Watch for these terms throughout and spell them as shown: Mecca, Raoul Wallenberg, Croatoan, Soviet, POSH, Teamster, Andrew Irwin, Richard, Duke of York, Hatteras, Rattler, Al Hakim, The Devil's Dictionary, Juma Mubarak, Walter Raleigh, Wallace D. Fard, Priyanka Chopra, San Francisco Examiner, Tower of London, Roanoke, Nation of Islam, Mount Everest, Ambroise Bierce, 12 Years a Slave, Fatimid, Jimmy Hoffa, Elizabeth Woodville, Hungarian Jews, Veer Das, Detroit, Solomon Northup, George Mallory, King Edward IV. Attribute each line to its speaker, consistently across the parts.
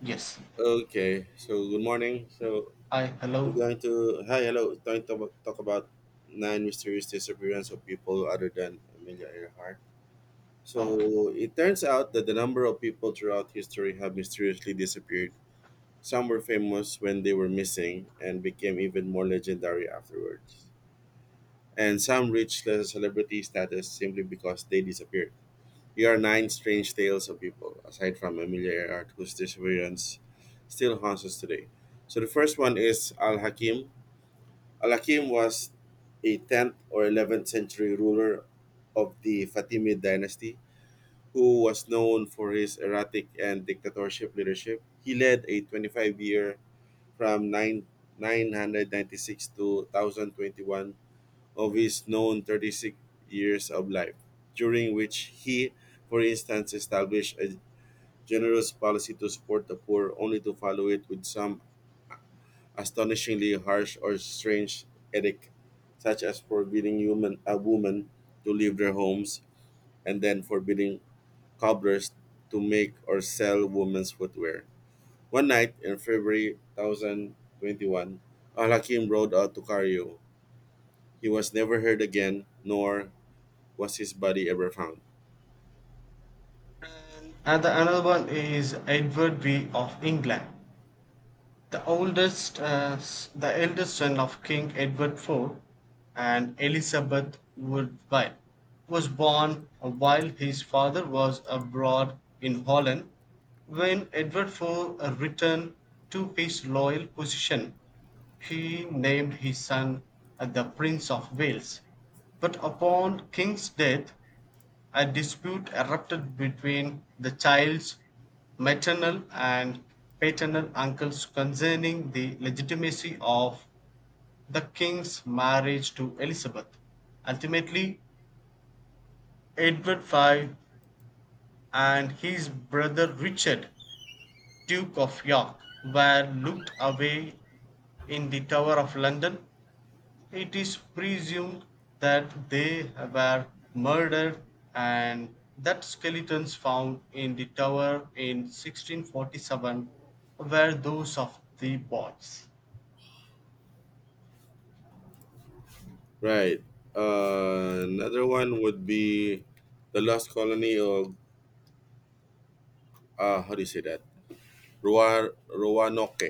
Speaker 1: Yes.
Speaker 2: Okay, so good morning. So
Speaker 1: I
Speaker 2: you're
Speaker 1: hello.
Speaker 2: going to hi, hello. Going to talk about nine mysterious disappearance of people other than Amelia Earhart.
Speaker 1: Okay.
Speaker 2: So it turns out that the number of people throughout history have mysteriously disappeared. Some were famous when they were missing and became even more legendary afterwards. And some reached the celebrity status simply because they disappeared. Here are nine strange tales of people, aside from Amelia Earhart, whose disappearance still haunts us today. So the first one is Al Hakim. Al Hakim was a 10th or 11th century ruler of the Fatimid dynasty who was known for his erratic and dictatorship leadership. He led a 25-year from 996 to 1021 of his known 36 years of life, during which he, for instance, established a generous policy to support the poor, only to follow it with some astonishingly harsh or strange edict, such as forbidding a woman to leave their homes and then forbidding cobblers to make or sell women's footwear. One night in February 1021, Al Hakim rode out to Cairo. He was never heard again, nor was his body ever found?
Speaker 1: And the another one is Edward V of England, the oldest, the eldest son of King Edward IV, and Elizabeth Woodville, was born while his father was abroad in Holland. When Edward IV returned to his loyal position, he named his son the Prince of Wales. But upon King's death, a dispute erupted between the child's maternal and paternal uncles concerning the legitimacy of the king's marriage to Elizabeth. Ultimately, Edward V and his brother Richard, Duke of York, were locked away in the Tower of London. It is presumed that they were murdered, and that skeletons found in the tower in 1647 were those of the boys.
Speaker 2: Right. Another one would be the lost colony of, how do you say that? Roanoke.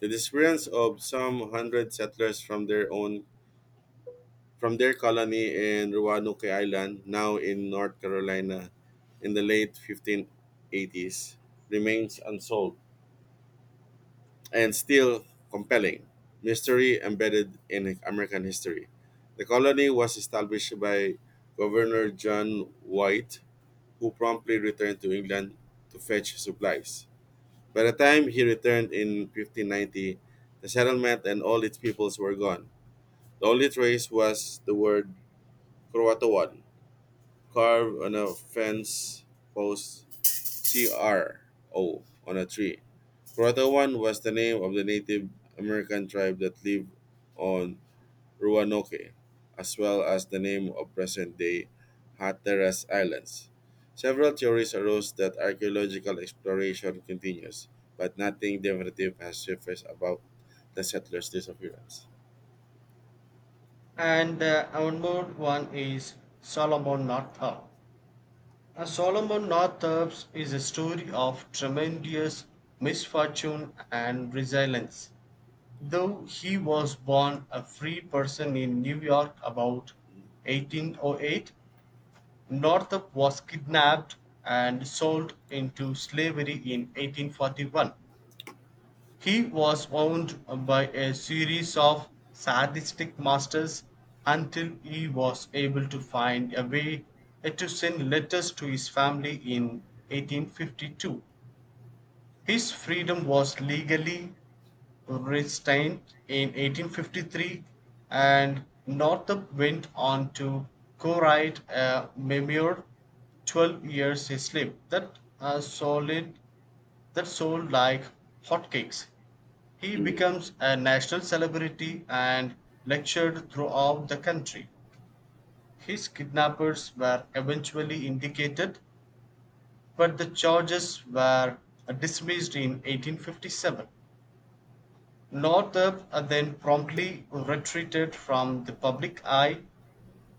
Speaker 2: The disappearance of some hundred settlers from their colony in Roanoke Island, now in North Carolina, in the late 1580s, remains unsolved, and still compelling mystery embedded in American history. The colony was established by Governor John White, who promptly returned to England to fetch supplies. By the time he returned in 1590, the settlement and all its peoples were gone. The only trace was the word Croatoan, carved on a fence post, CRO on a tree. Croatoan was the name of the Native American tribe that lived on Roanoke, as well as the name of present day Hatteras Islands. Several theories arose that archaeological exploration continues, but nothing definitive has surfaced about the settlers' disappearance.
Speaker 1: And one more one is Solomon Northup. Solomon Northup is a story of tremendous misfortune and resilience. Though he was born a free person in New York about 1808, Northup was kidnapped and sold into slavery in 1841. He was owned by a series of sadistic masters until he was able to find a way to send letters to his family in 1852. His freedom was legally restrained in 1853, and Northup went on to co-write a memoir, 12 Years a Slave, that solid that sold like hotcakes. He
Speaker 2: Mm.
Speaker 1: becomes a national celebrity and lectured throughout the country. His kidnappers were eventually indicted, but the charges were dismissed in 1857. Northup then promptly retreated from the public eye.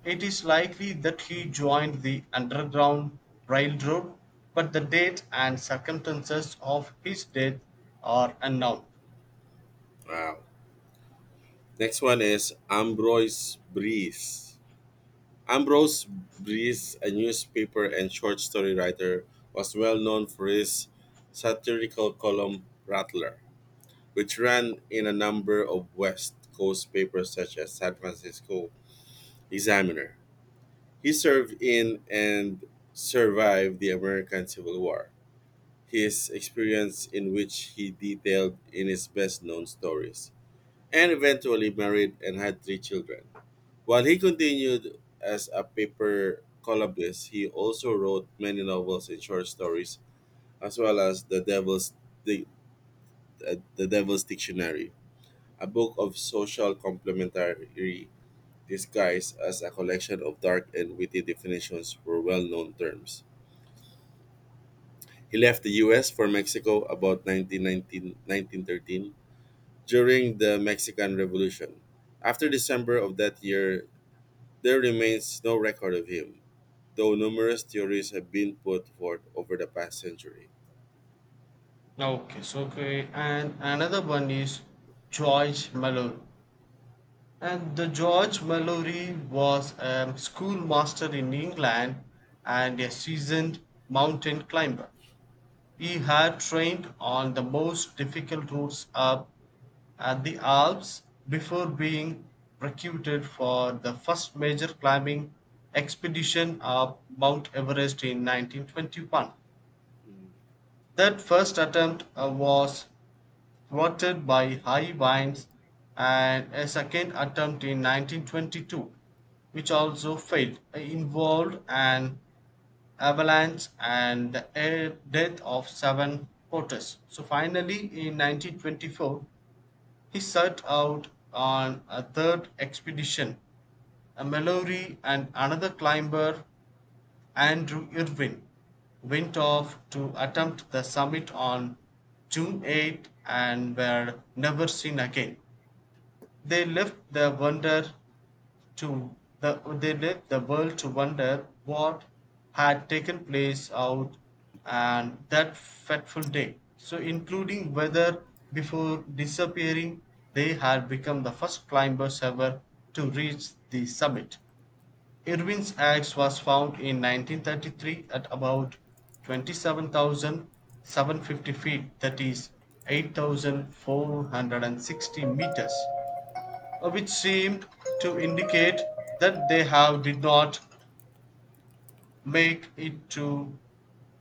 Speaker 1: It is likely that he joined the Underground Railroad, but the date and circumstances of his death are unknown.
Speaker 2: Wow. Next one is Ambroise Bierce. Ambrose Bierce, a newspaper and short story writer, was well known for his satirical column Rattler, which ran in a number of West Coast papers such as San Francisco Examiner. He served in and survived the American Civil War, his experience in which he detailed in his best known stories, and eventually married and had three children. While he continued as a paper columnist, he also wrote many novels and short stories, as well as the the Devil's Dictionary, a book of social commentary disguised as a collection of dark and witty definitions for well known terms. He left the US for Mexico about 19191913 during the Mexican Revolution. After December of that year, there remains no record of him, though numerous theories have been put forth over the past century.
Speaker 1: And another one is George Mallory. And the George Mallory was a schoolmaster in England and a seasoned mountain climber. He had trained on the most difficult routes up at the Alps before being recruited for the first major climbing expedition up Mount Everest in 1921.
Speaker 2: Mm.
Speaker 1: That first attempt was thwarted by high winds, and a second attempt in 1922, which also failed, involved an avalanche and the air death of seven porters. So finally, in 1924, he set out on a third expedition. A Mallory and another climber, Andrew Irwin, went off to attempt the summit on June 8 and were never seen again. They left the wonder to the they left the world to wonder what had taken place out and that fateful day, so including whether before disappearing they had become the first climbers ever to reach the summit. Irwin's axe was found in 1933 at about 27,750 feet, that is 8,460 meters, which seem to indicate that they have did not make it to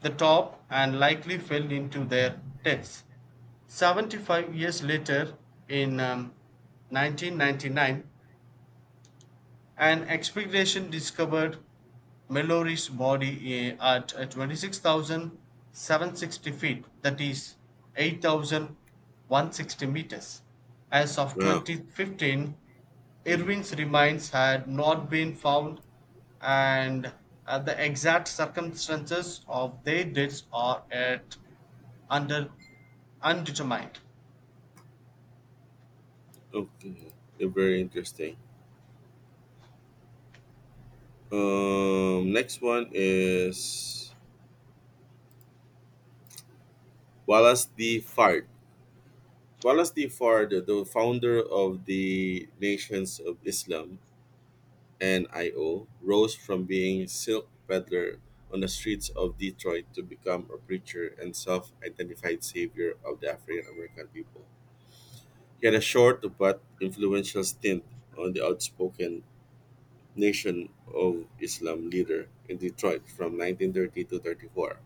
Speaker 1: the top and likely fell into their deaths. 75 years later, in 1999, an expedition discovered Mallory's body at 26,760 feet, that is 8,160 meters. As of
Speaker 2: Wow.
Speaker 1: 2015,
Speaker 2: Mm.
Speaker 1: Irwin's remains had not been found, and the exact circumstances of their deaths are at under undetermined.
Speaker 2: Okay. They very interesting. Next one is Wallace D. Fard. Wallace D. Fard, the founder of the Nations of Islam and IO, rose from being silk peddler on the streets of Detroit to become a preacher and self-identified savior of the African American people. He had a short but influential stint on the outspoken Nation of Islam leader in Detroit from 1930 to 34,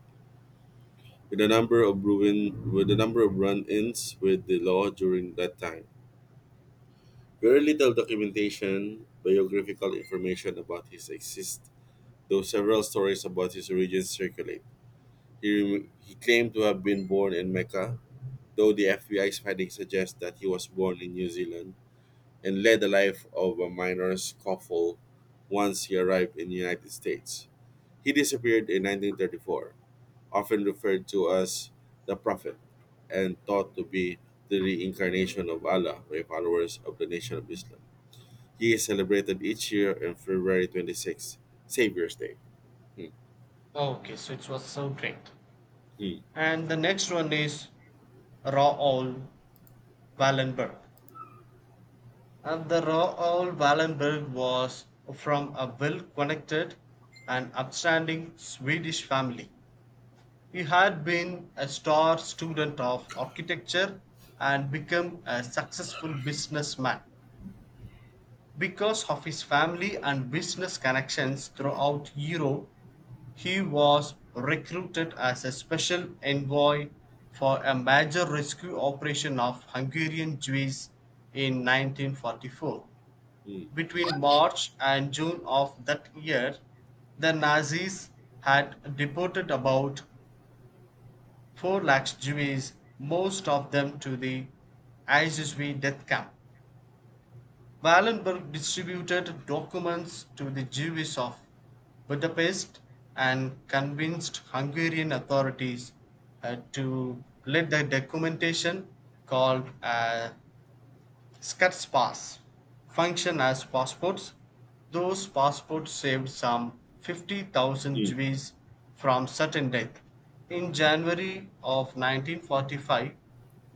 Speaker 2: with a number of run-ins with the law during that time. Very little documentation, biographical information about his exist, though several stories about his origins circulate. He claimed to have been born in Mecca, though the FBI's findings suggest that he was born in New Zealand and led the life of a minor scuffle once he arrived in the United States. He disappeared in 1934, often referred to as the Prophet, and thought to be the reincarnation of Allah by followers of the Nation of Islam. He is celebrated each year on February 26th, Savior's Day. Hmm.
Speaker 1: Okay, so it was so great.
Speaker 2: Hmm.
Speaker 1: And the next one is Raoul Wallenberg. And the Raoul Wallenberg was from a well connected and upstanding Swedish family. He had been a star student of architecture and become a successful businessman. Because of his family and business connections throughout Europe, he was recruited as a special envoy for a major rescue operation of Hungarian Jews in 1944.
Speaker 2: Hmm.
Speaker 1: Between March and June of that year, the Nazis had deported about 4 lakh Jews, most of them to the ISSB death camp. Wallenberg distributed documents to the Jews of Budapest and convinced Hungarian authorities to let the documentation called a. Scots Pass function as passports. Those passports saved some 50,000
Speaker 2: Hmm.
Speaker 1: Jews from certain death. In
Speaker 2: Hmm.
Speaker 1: January of 1945,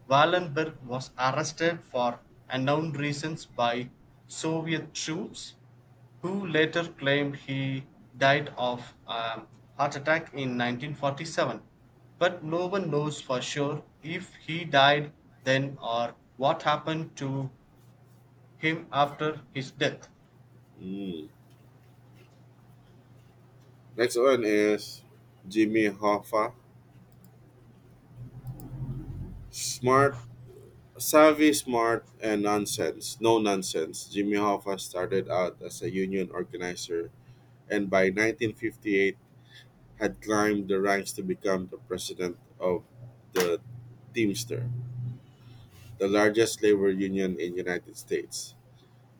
Speaker 1: Wallenberg was arrested for unknown reasons by Soviet troops, who later claimed he died of a heart attack in 1947. But no one knows for sure if he died then or what happened to him after his death.
Speaker 2: Hmm. Next one is Jimmy Hoffa. Smart Savvy, smart, and nonsense. No nonsense. Jimmy Hoffa started out as a union organizer and by 1958 had climbed the ranks to become the president of the Teamster, the largest labor union in United States.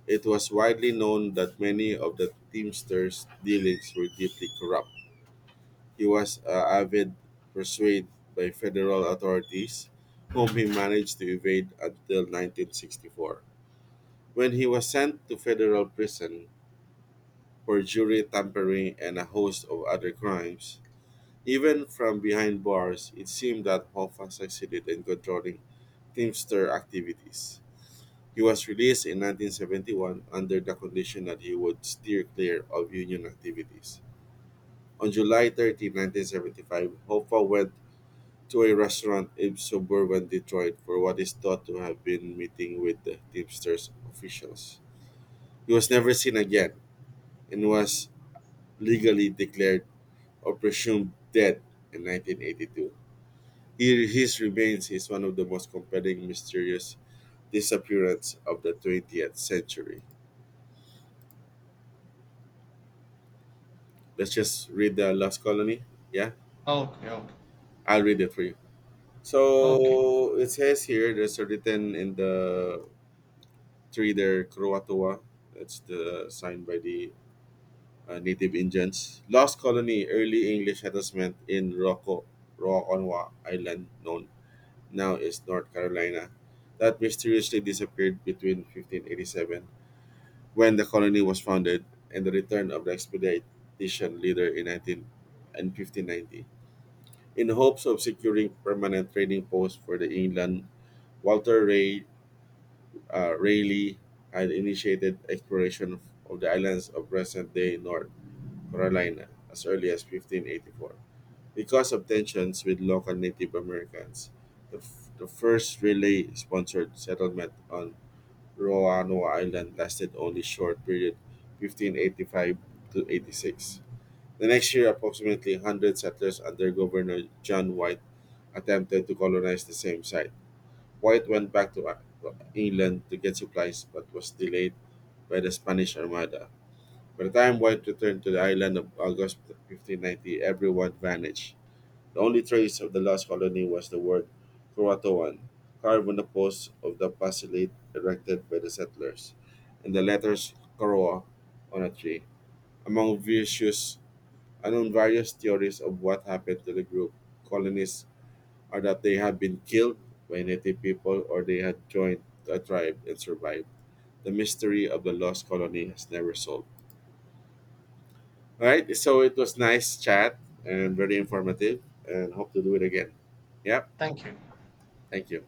Speaker 2: It was widely known that many of the Teamsters' dealings were deeply corrupt. He was avid pursued by federal authorities, whom he managed to evade until 1964, when he was sent to federal prison for jury tampering and a host of other crimes. Even from behind bars, it seemed that Hoffa succeeded in controlling Teamster activities. He was released in 1971 under the condition that he would steer clear of union activities. On July 30, 1975, Hoffa went to a restaurant in suburban Detroit for what is thought to have been meeting with the Teamsters officials. He was never seen again and was legally declared or presumed dead in 1982. He, his remains is one of the most compelling mysterious disappearance of the 20th century. Let's just read the Lost Colony. Yeah,
Speaker 1: Okay, okay,
Speaker 2: I'll read it for you.
Speaker 1: okay.
Speaker 2: So it says here, there's a written in the tree there, Croatoa. That's the sign by the native Indians. Lost Colony, early English settlement in Rarotonga Island, known now is North Carolina, that mysteriously disappeared between 1587, when the colony was founded, and the return of the expedition leader in 19 and 1590. In hopes of securing permanent trading posts for the England, Walter Raleigh had initiated exploration of the islands of present-day North Carolina as early as 1584. Because of tensions with local Native Americans, the first relay sponsored settlement on Roanoke Island lasted only short period, 1585 to 86. The next year, approximately 100 settlers under Governor John White attempted to colonize the same site. White went back to England to get supplies but was delayed by the Spanish Armada. By the time White returned to the island of August 1590, everyone vanished. The only trace of the lost colony was the word Croatoan, carved on the posts of the basilica erected by the settlers, and the letters Koroa on a tree. Among various, among various theories of what happened to the group, colonists are that they had been killed by native people or they had joined a tribe and survived. The mystery of the lost colony has never solved. All right, so it was nice chat and very informative, and hope to do it again. Yep,
Speaker 1: Thank you.
Speaker 2: thank you.